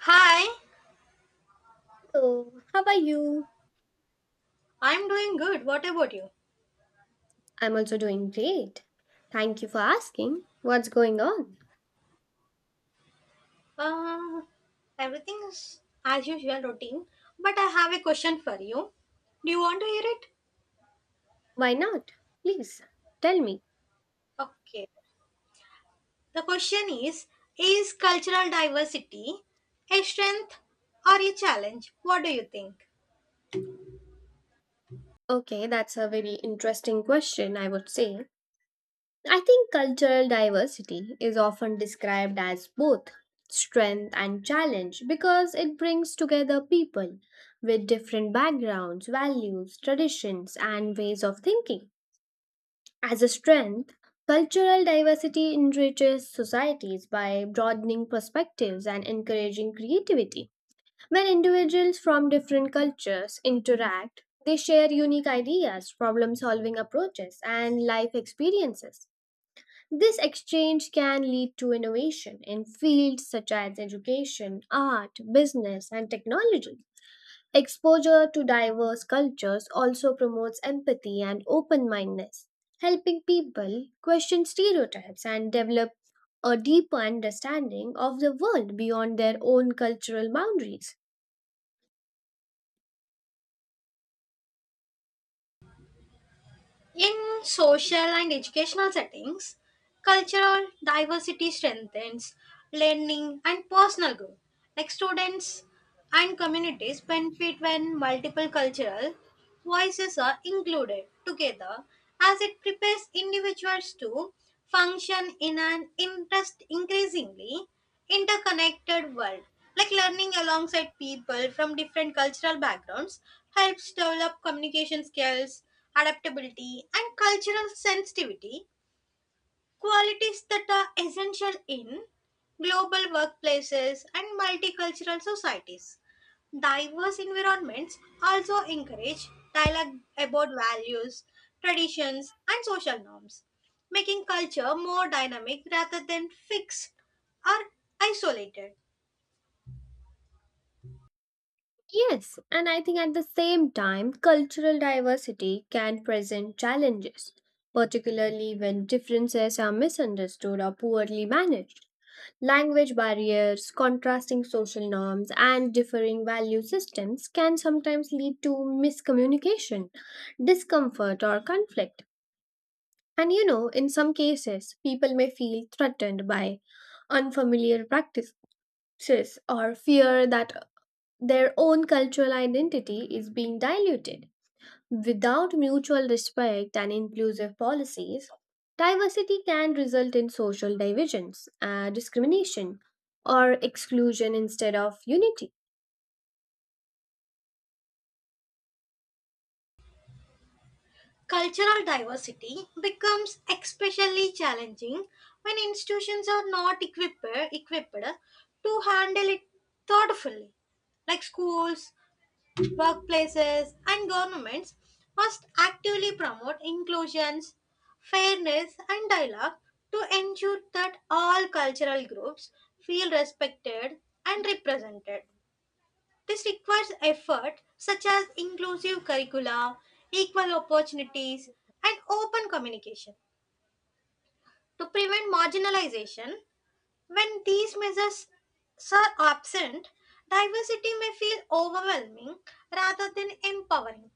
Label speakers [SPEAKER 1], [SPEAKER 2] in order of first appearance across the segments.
[SPEAKER 1] Hi,
[SPEAKER 2] So, how are you?
[SPEAKER 1] I'm doing good. What about you?
[SPEAKER 2] I'm also doing great. Thank you for asking. What's going on?
[SPEAKER 1] Uh, Everything is as usual routine, but I have a question for you. Do you want to hear it?
[SPEAKER 2] Why not? Please tell me.
[SPEAKER 1] Okay. The question is cultural diversity a strength or a challenge? What do you think?
[SPEAKER 2] Okay, that's a very interesting question, I would say. I think cultural diversity is often described as both strength and challenge because it brings together people with different backgrounds, values, traditions, and ways of thinking. As a strength, cultural diversity enriches societies by broadening perspectives and encouraging creativity. When individuals from different cultures interact, they share unique ideas, problem solving approaches, and life experiences. This exchange can lead to innovation in fields such as education, art, business, and technology. Exposure to diverse cultures also promotes empathy and open mindedness, helping people question stereotypes and develop a deeper understanding of the world beyond their own cultural boundaries.
[SPEAKER 1] In social and educational settings, cultural diversity strengthens learning and personal growth. Like students and communities benefit when multiple cultural voices are included together, as it prepares individuals to function in an interest increasingly interconnected world. Like learning alongside people from different cultural backgrounds helps develop communication skills, adaptability, and cultural sensitivity, qualities that are essential in global workplaces and multicultural societies. Diverse environments also encourage dialogue about values, traditions, and social norms, making culture more dynamic rather than fixed or isolated.
[SPEAKER 2] Yes, and I think at the same time, cultural diversity can present challenges, particularly when differences are misunderstood or poorly managed. Language barriers, contrasting social norms, and differing value systems can sometimes lead to miscommunication, discomfort, or conflict. And you know, in some cases, people may feel threatened by unfamiliar practices or fear that their own cultural identity is being diluted. Without mutual respect and inclusive policies, diversity can result in social divisions, discrimination, or exclusion instead of unity.
[SPEAKER 1] Cultural diversity becomes especially challenging when institutions are not equipped to handle it thoughtfully. Like schools, workplaces, and governments must actively promote inclusions, fairness, and dialogue to ensure that all cultural groups feel respected and represented. This requires effort such as inclusive curricula, equal opportunities, and open communication to prevent marginalization. When these measures are absent, diversity may feel overwhelming rather than empowering.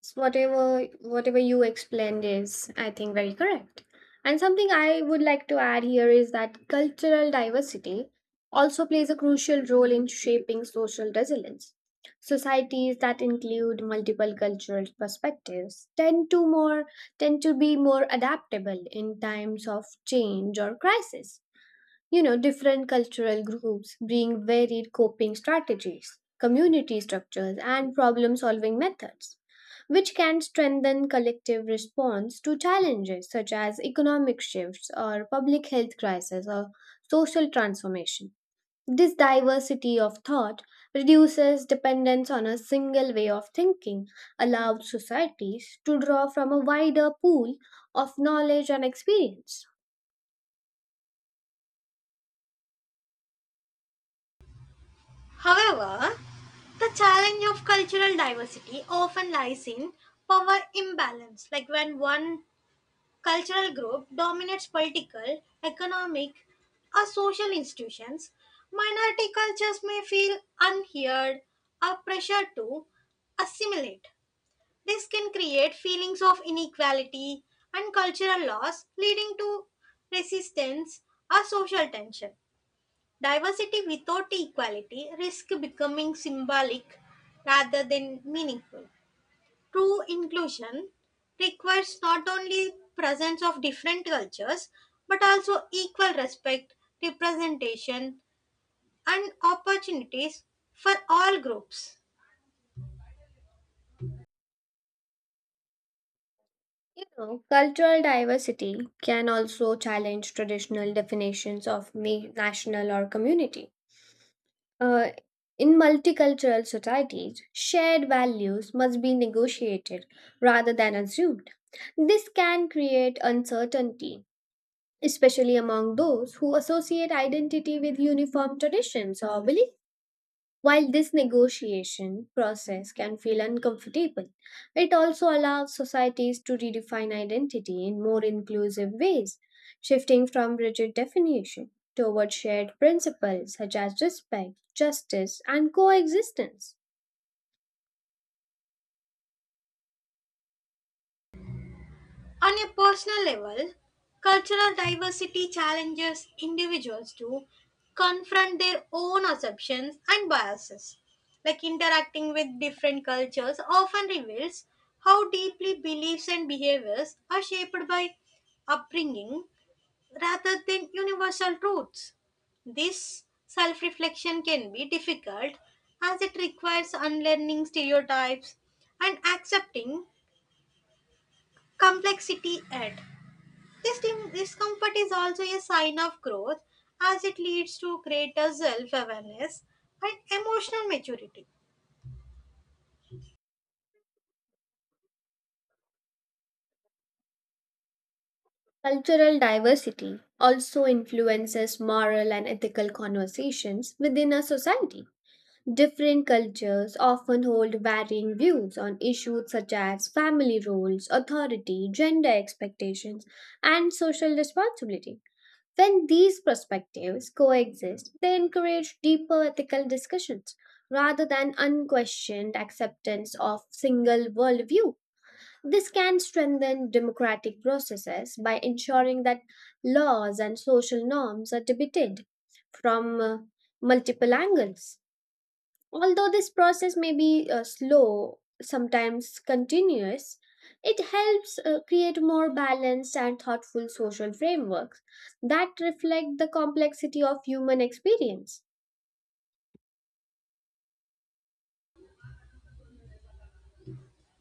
[SPEAKER 2] So whatever you explained is, I think, very correct. And something I would like to add here is that cultural diversity also plays a crucial role in shaping social resilience. Societies that include multiple cultural perspectives tend to be more adaptable in times of change or crisis. You know, different cultural groups bring varied coping strategies, community structures, and problem-solving methods which can strengthen collective response to challenges such as economic shifts or public health crisis or social transformation. This diversity of thought reduces dependence on a single way of thinking, allows societies to draw from a wider pool of knowledge and experience.
[SPEAKER 1] However, the challenge of cultural diversity often lies in power imbalance. Like when one cultural group dominates political, economic, or social institutions, minority cultures may feel unheard or pressured to assimilate. This can create feelings of inequality and cultural loss, leading to resistance or social tension. Diversity without equality risks becoming symbolic rather than meaningful. True inclusion requires not only presence of different cultures but also equal respect, representation, and opportunities for all groups.
[SPEAKER 2] You know, cultural diversity can also challenge traditional definitions of national or community. Uh, in multicultural societies, shared values must be negotiated rather than assumed. This can create uncertainty, especially among those who associate identity with uniform traditions or beliefs. While this negotiation process can feel uncomfortable, it also allows societies to redefine identity in more inclusive ways, shifting from rigid definition toward shared principles such as respect, justice, and coexistence.
[SPEAKER 1] On a personal level, cultural diversity challenges individuals to confront their own assumptions and biases. Like interacting with different cultures often reveals how deeply beliefs and behaviors are shaped by upbringing rather than universal truths. This self reflection can be difficult as it requires unlearning stereotypes and accepting complexity at. This discomfort is also a sign of growth as it leads to greater self awareness and emotional maturity.
[SPEAKER 2] Cultural diversity also influences moral and ethical conversations within a society. Different cultures often hold varying views on issues such as family roles, authority, gender expectations, and social responsibility. When these perspectives coexist, they encourage deeper ethical discussions rather than unquestioned acceptance of single worldview. This can strengthen democratic processes by ensuring that laws and social norms are debated from multiple angles. Although this process may be slow, sometimes continuous, it helps create more balanced and thoughtful social frameworks that reflect the complexity of human experience.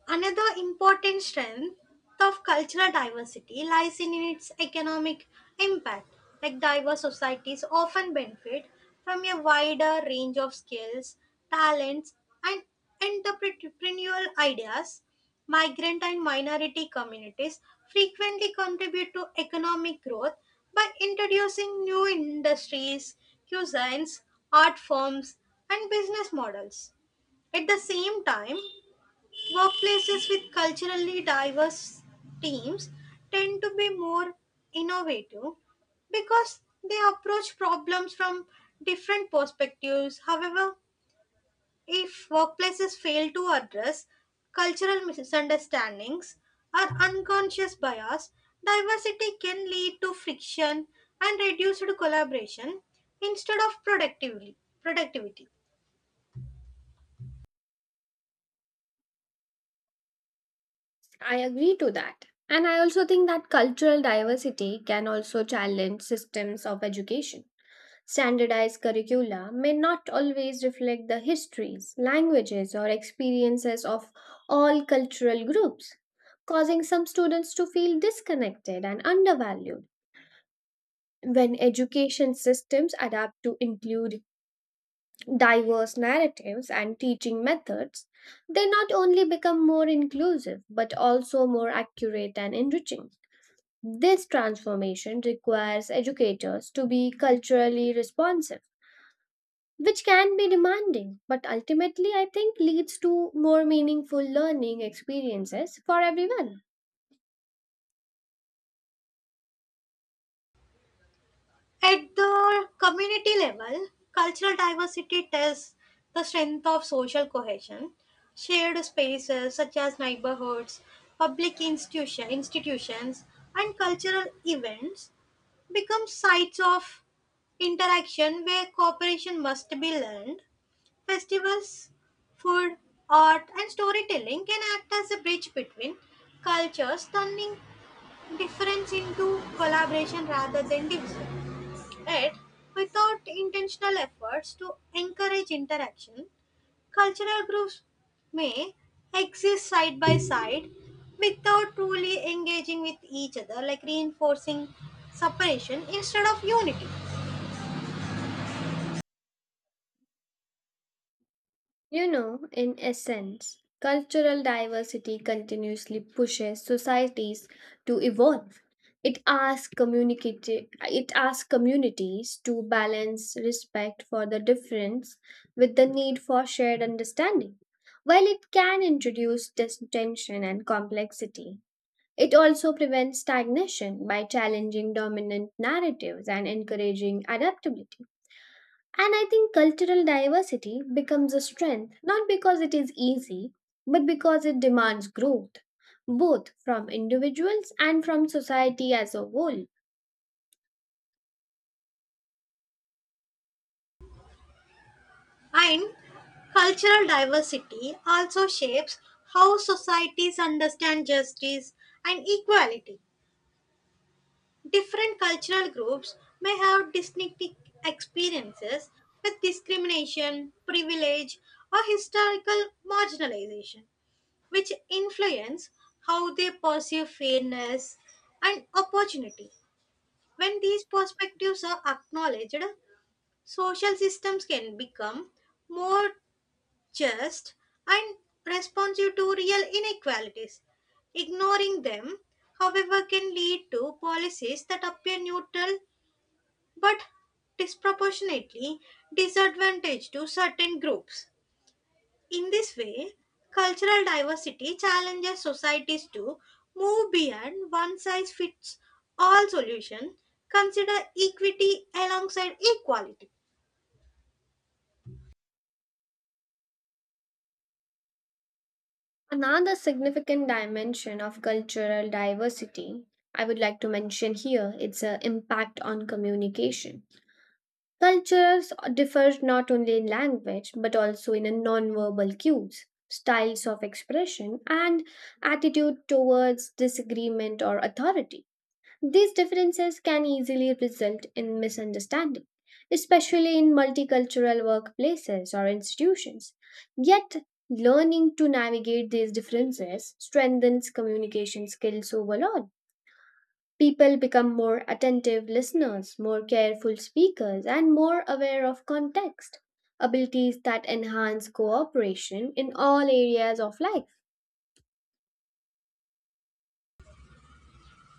[SPEAKER 1] Another important strength of cultural diversity lies in its economic impact. Like diverse societies often benefit from a wider range of skills, talents, and entrepreneurial ideas. Migrant and minority communities frequently contribute to economic growth by introducing new industries, cuisines, art forms, and business models. At the same time, workplaces with culturally diverse teams tend to be more innovative because they approach problems from different perspectives. However, if workplaces fail to address cultural misunderstandings or unconscious bias, diversity can lead to friction and reduced collaboration instead of productivity.
[SPEAKER 2] I agree to that. And I also think that cultural diversity can also challenge systems of education. Standardized curricula may not always reflect the histories, languages, or experiences of all cultural groups, causing some students to feel disconnected and undervalued. When education systems adapt to include diverse narratives and teaching methods, they not only become more inclusive but also more accurate and enriching. This transformation requires educators to be culturally responsive, which can be demanding, but ultimately, I think leads to more meaningful learning experiences for everyone.
[SPEAKER 1] At the community level, cultural diversity tests the strength of social cohesion. Shared spaces such as neighborhoods, public institutions, and cultural events become sites of interaction where cooperation must be learned. Festivals, food, art, and storytelling can act as a bridge between cultures, turning difference into collaboration rather than division. Yet, without intentional efforts to encourage interaction, cultural groups may exist side by side without truly engaging with each other, like reinforcing separation instead of unity.
[SPEAKER 2] You know, in essence, cultural diversity continuously pushes societies to evolve. It asks communities to balance respect for the difference with the need for shared understanding, while it can introduce tension and complexity. It also prevents stagnation by challenging dominant narratives and encouraging adaptability. And I think cultural diversity becomes a strength not because it is easy, but because it demands growth, both from individuals and from society as a whole.
[SPEAKER 1] And cultural diversity also shapes how societies understand justice and equality. Different cultural groups may have distinct experiences with discrimination, privilege, or historical marginalization, which influence how they perceive fairness and opportunity. When these perspectives are acknowledged, social systems can become more just and responsive to real inequalities. Ignoring them, however, can lead to policies that appear neutral but disproportionately disadvantaged to certain groups. In this way, cultural diversity challenges societies to move beyond one size fits all solution, consider equity alongside equality.
[SPEAKER 2] Another significant dimension of cultural diversity I would like to mention here it's an impact on communication. Cultures differ not only in language but also in a non-verbal cues, styles of expression, and attitude towards disagreement or authority. These differences can easily result in misunderstanding, especially in multicultural workplaces or institutions. Yet, learning to navigate these differences strengthens communication skills overall. People become more attentive listeners, more careful speakers, and more aware of context, abilities that enhance cooperation in all areas of life.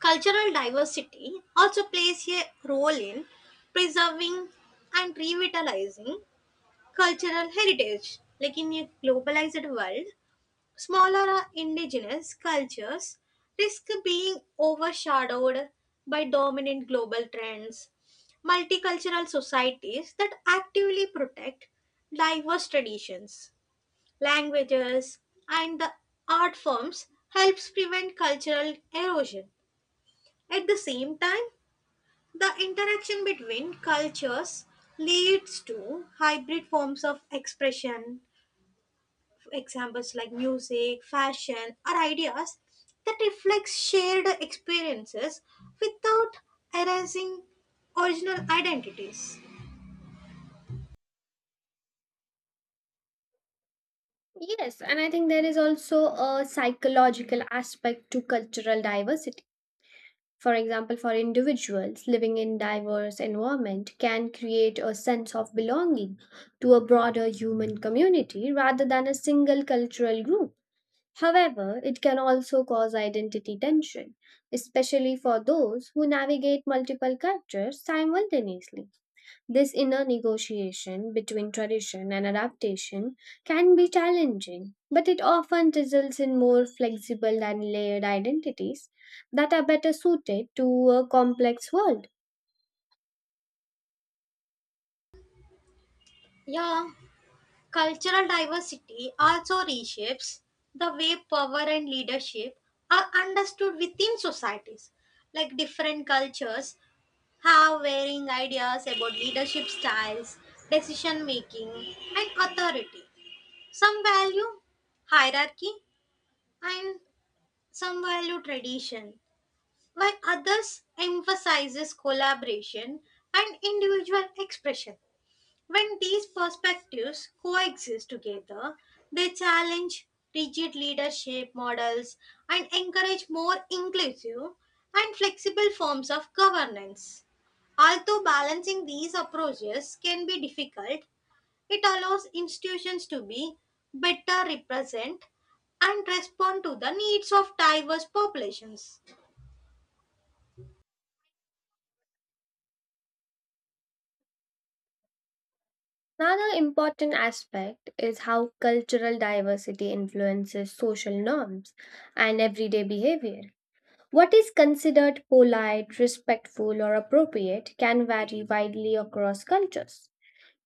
[SPEAKER 1] Cultural diversity also plays a role in preserving and revitalizing cultural heritage. Like in a globalized world, smaller indigenous cultures risk being overshadowed by dominant global trends. Multicultural societies that actively protect diverse traditions, languages, and the art forms helps prevent cultural erosion. At the same time, the interaction between cultures leads to hybrid forms of expression, examples like music, fashion, or ideas that reflect shared experiences without erasing original identities.
[SPEAKER 2] Yes, and I think there is also a psychological aspect to cultural diversity. For example, for individuals living in diverse environment can create a sense of belonging to a broader human community rather than a single cultural group. However, it can also cause identity tension, especially for those who navigate multiple cultures simultaneously. This inner negotiation between tradition and adaptation can be challenging, but it often results in more flexible and layered identities that are better suited to a complex world.
[SPEAKER 1] Yeah, cultural diversity also reshapes the way power and leadership are understood within societies. Like different cultures have varying ideas about leadership styles, decision making, and authority. Some value hierarchy and some value tradition, while others emphasizes collaboration and individual expression. When these perspectives coexist together, they challenge rigid leadership models and encourage more inclusive and flexible forms of governance. Although balancing these approaches can be difficult, it allows institutions to be better represent and respond to the needs of diverse populations.
[SPEAKER 2] Another important aspect is how cultural diversity influences social norms and everyday behavior. What is considered polite, respectful, or appropriate can vary widely across cultures.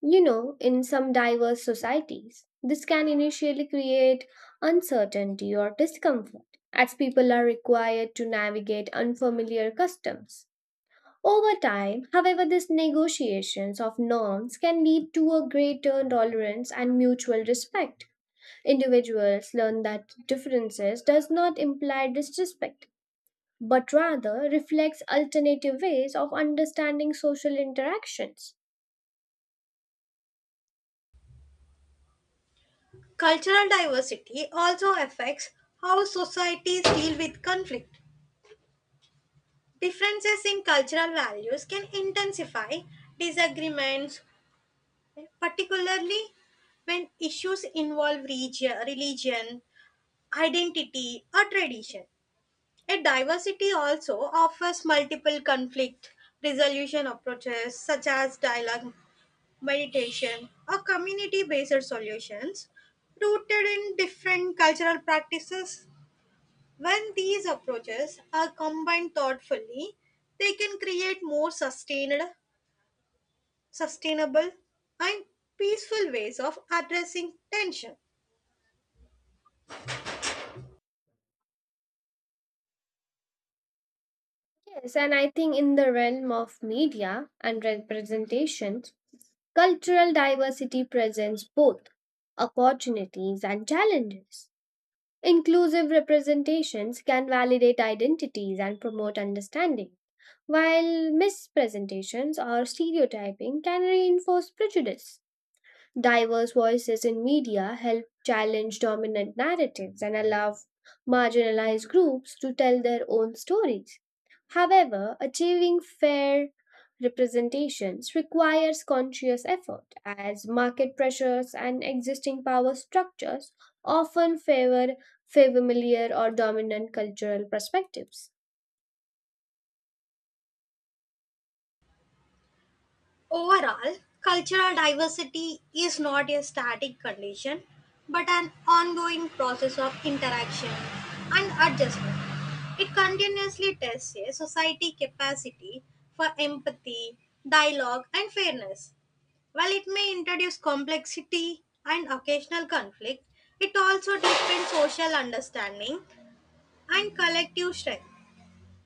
[SPEAKER 2] You know, in some diverse societies, this can initially create uncertainty or discomfort as people are required to navigate unfamiliar customs. Over time, however, these negotiations of norms can lead to a greater tolerance and mutual respect. Individuals learn that differences does not imply disrespect but rather reflects alternative ways of understanding social interactions.
[SPEAKER 1] Cultural diversity also affects how societies deal with conflict. Differences in cultural values can intensify disagreements, particularly when issues involve region, religion, identity, or tradition. A diversity also offers multiple conflict resolution approaches such as dialogue, meditation, or community based solutions rooted in different cultural practices. When these approaches are combined thoughtfully, they can create more sustainable, and peaceful ways of addressing tension.
[SPEAKER 2] Yes, and I think in the realm of media and representations, cultural diversity presents both opportunities and challenges. Inclusive representations can validate identities and promote understanding, while mispresentations or stereotyping can reinforce prejudice. Diverse voices in media help challenge dominant narratives and allow marginalized groups to tell their own stories. However, achieving fair representations requires conscious effort, as market pressures and existing power structures often favor familiar or dominant cultural perspectives.
[SPEAKER 1] Overall, cultural diversity is not a static condition but an ongoing process of interaction and adjustment. It continuously tests a society capacity for empathy, dialogue, and fairness. While it may introduce complexity and occasional conflict, it also deepens social understanding and collective strength.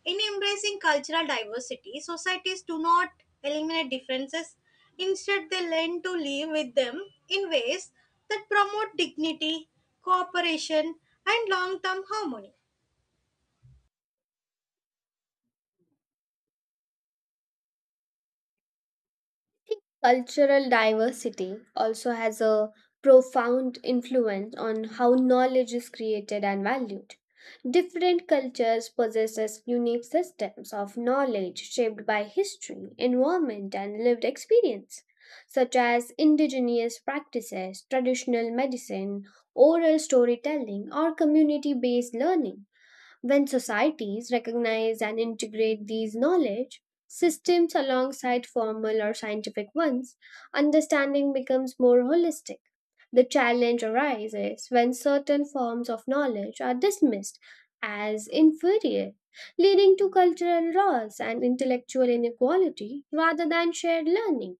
[SPEAKER 1] In embracing cultural diversity, societies do not eliminate differences. Instead, they learn to live with them in ways that promote dignity, cooperation, and long term harmony.
[SPEAKER 2] Think cultural diversity also has a profound influence on how knowledge is created and valued. Different cultures possess unique systems of knowledge shaped by history, environment, and lived experience, such as indigenous practices, traditional medicine, oral storytelling, or community based learning. When societies recognize and integrate these knowledge systems alongside formal or scientific ones, understanding becomes more holistic. The challenge arises when certain forms of knowledge are dismissed as inferior, leading to cultural loss and intellectual inequality rather than shared learning.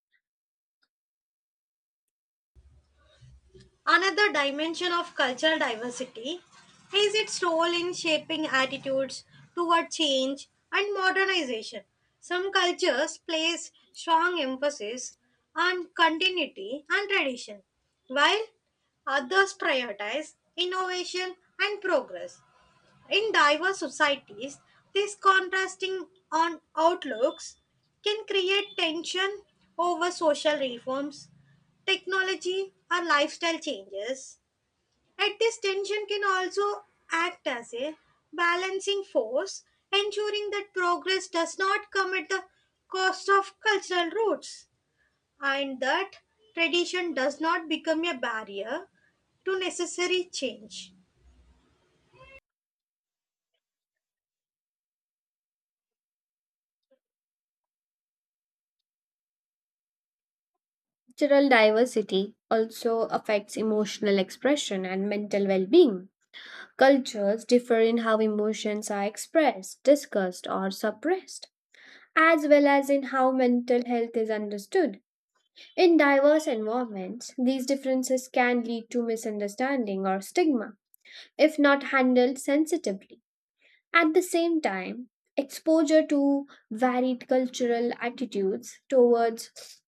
[SPEAKER 1] Another dimension of cultural diversity is its role in shaping attitudes toward change and modernization. Some cultures place strong emphasis on continuity and tradition, while others prioritize innovation and progress. In diverse societies, these contrasting on outlooks can create tension over social reforms, technology, or lifestyle changes. Yet this tension can also act as a balancing force, ensuring that progress does not come at the cost of cultural roots and that tradition does not become a barrier to necessary change.
[SPEAKER 2] Cultural diversity also affects emotional expression and mental well being. Cultures differ in how emotions are expressed, discussed, or suppressed, as well as in how mental health is understood. In diverse environments, these differences can lead to misunderstanding or stigma if not handled sensitively. At the same time, exposure to varied cultural attitudes towards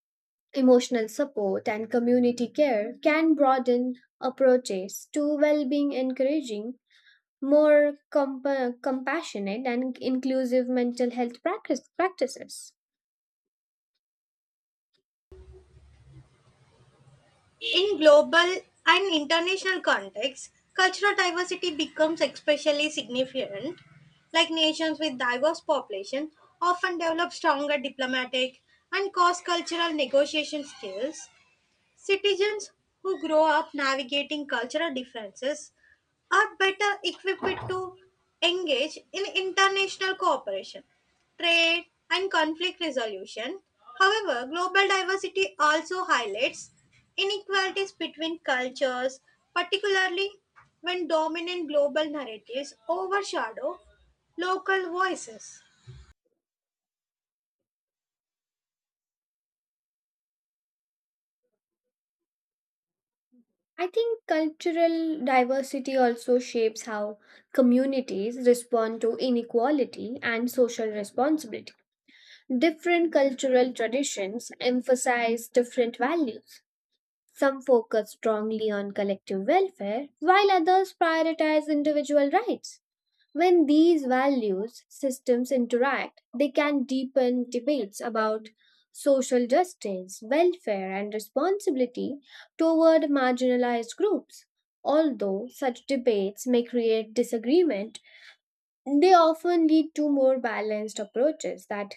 [SPEAKER 2] emotional support and community care can broaden approaches to well being, encouraging more compassionate and inclusive mental health practices.
[SPEAKER 1] In global and international contexts, cultural diversity becomes especially significant. Like nations with diverse population often develop stronger diplomatic and cross-cultural negotiation skills. Citizens who grow up navigating cultural differences are better equipped to engage in international cooperation, trade, and conflict resolution. However, global diversity also highlights inequalities between cultures, particularly when dominant global narratives overshadow local voices.
[SPEAKER 2] I think cultural diversity also shapes how communities respond to inequality and social responsibility. Different cultural traditions emphasize different values. Some focus strongly on collective welfare, while others prioritize individual rights. When these values systems interact, they can deepen debates about social justice, welfare, and responsibility toward marginalized groups. Although such debates may create disagreement, they often lead to more balanced approaches that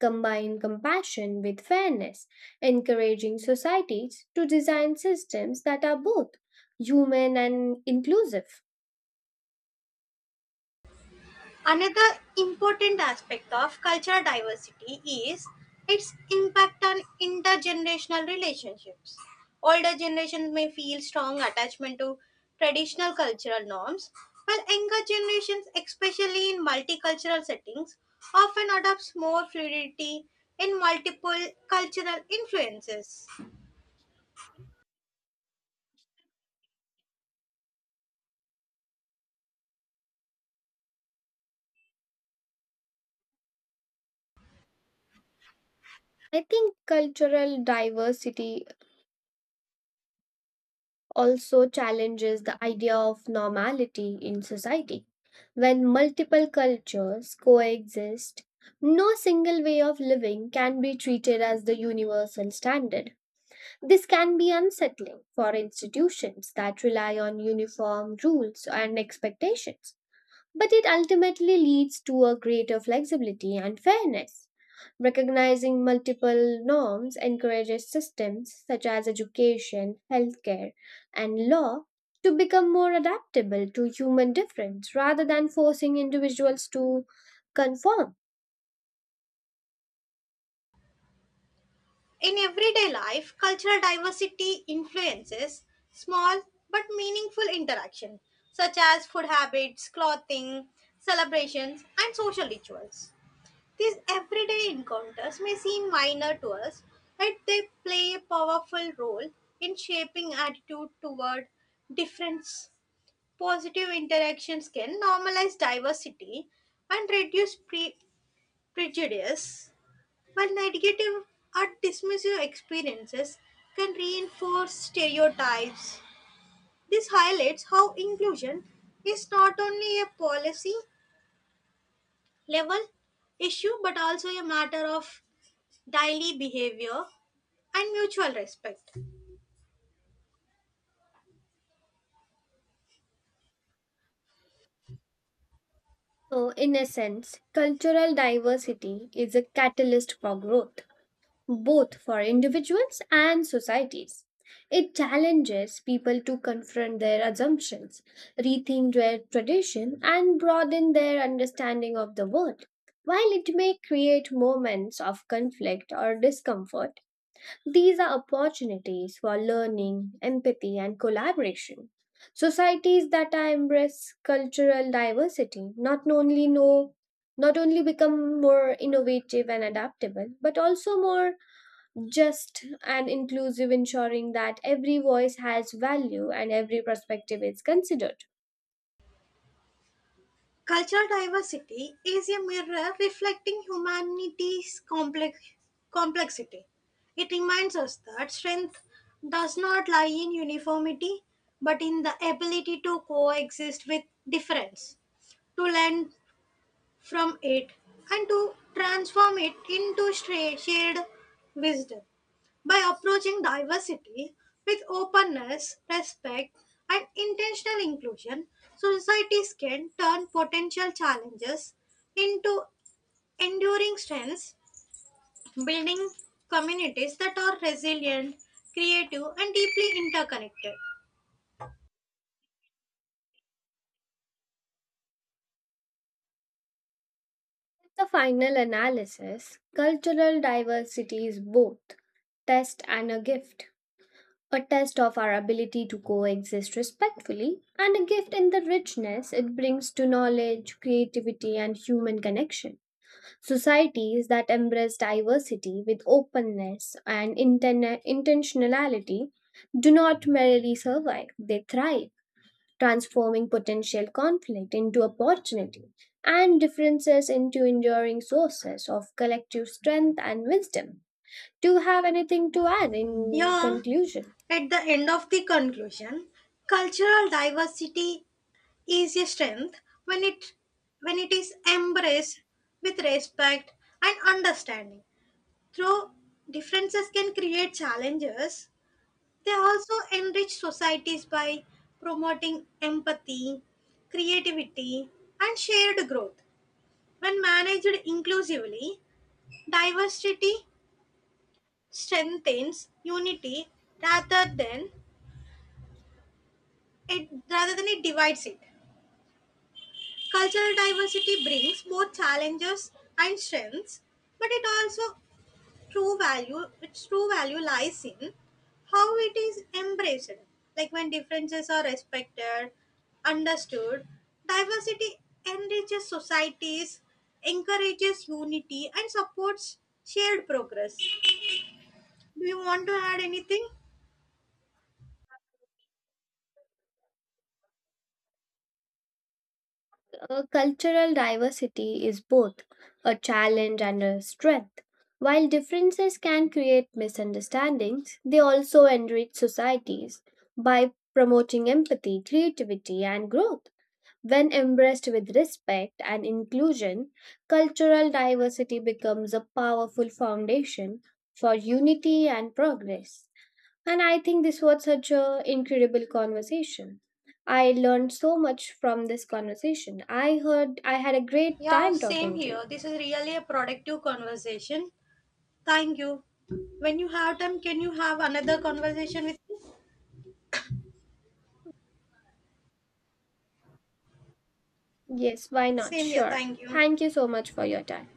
[SPEAKER 2] combine compassion with fairness, encouraging societies to design systems that are both human and inclusive.
[SPEAKER 1] Another important aspect of cultural diversity is its impact on intergenerational relationships. Older generations may feel strong attachment to traditional cultural norms, while younger generations, especially in multicultural settings, often adopts more fluidity in multiple cultural influences.
[SPEAKER 2] I think cultural diversity also challenges the idea of normality in society. When multiple cultures coexist, no single way of living can be treated as the universal standard. This can be unsettling for institutions that rely on uniform rules and expectations, but it ultimately leads to a greater flexibility and fairness. Recognizing multiple norms encourages systems such as education, healthcare, and law to become more adaptable to human difference rather than forcing individuals to conform.
[SPEAKER 1] In everyday life, cultural diversity influences small but meaningful interaction, such as food habits, clothing, celebrations, and social rituals. These everyday encounters may seem minor to us, but they play a powerful role in shaping attitude toward difference. Positive interactions can normalize diversity and reduce prejudice, while negative or dismissive experiences can reinforce stereotypes. This highlights how inclusion is not only a policy level issue but also a matter of daily behavior and mutual respect.
[SPEAKER 2] So, in essence, cultural diversity is a catalyst for growth both for individuals and societies. It challenges people to confront their assumptions, rethink their tradition, and broaden their understanding of the world. While it may create moments of conflict or discomfort, these are opportunities for learning, empathy, and collaboration. Societies that I embrace cultural diversity not only become more innovative and adaptable, but also more just and inclusive, ensuring that every voice has value and every perspective is considered.
[SPEAKER 1] Cultural diversity is a mirror reflecting humanity's complexity. It reminds us that strength does not lie in uniformity, but in the ability to coexist with difference, to learn from it, and to transform it into shared wisdom. By approaching diversity with openness, respect, and intentional inclusion, societies can turn potential challenges into enduring strengths, building communities that are resilient, creative, and deeply interconnected.
[SPEAKER 2] The final analysis cultural diversity is both test and a gift. A test of our ability to coexist respectfully, and a gift in the richness it brings to knowledge, creativity, and human connection. Societies that embrace diversity with openness and intentionality do not merely survive, they thrive, transforming potential conflict into opportunity and differences into enduring sources of collective strength and wisdom. Do you have anything to add in
[SPEAKER 1] Yeah,
[SPEAKER 2] conclusion?
[SPEAKER 1] at the end of the conclusion, cultural diversity is a strength when it is embraced with respect and understanding. Though differences can create challenges, they also enrich societies by promoting empathy, creativity, and shared growth. When managed inclusively, diversity strengthens unity rather than rather than it divides it. Cultural diversity brings both challenges and strengths, but it also true value its true value lies in how it is embraced. Like when differences are respected, understood, diversity enriches societies, encourages unity, and supports shared progress. Do you want to add anything?
[SPEAKER 2] Cultural diversity is both a challenge and a strength. While differences can create misunderstandings, they also enrich societies by promoting empathy, creativity, and growth. When embraced with respect and inclusion, cultural diversity becomes a powerful foundation for unity and progress. And I think this was such an incredible conversation. I learned so much from this conversation. I heard I had a great
[SPEAKER 1] Yeah,
[SPEAKER 2] time
[SPEAKER 1] same
[SPEAKER 2] talking to
[SPEAKER 1] here,
[SPEAKER 2] you.
[SPEAKER 1] this is really a productive conversation. Thank you. When you have time, can you have another conversation with me?
[SPEAKER 2] Yes, why not?
[SPEAKER 1] Same here.
[SPEAKER 2] Sure.
[SPEAKER 1] Thank you.
[SPEAKER 2] Thank you so much for your time.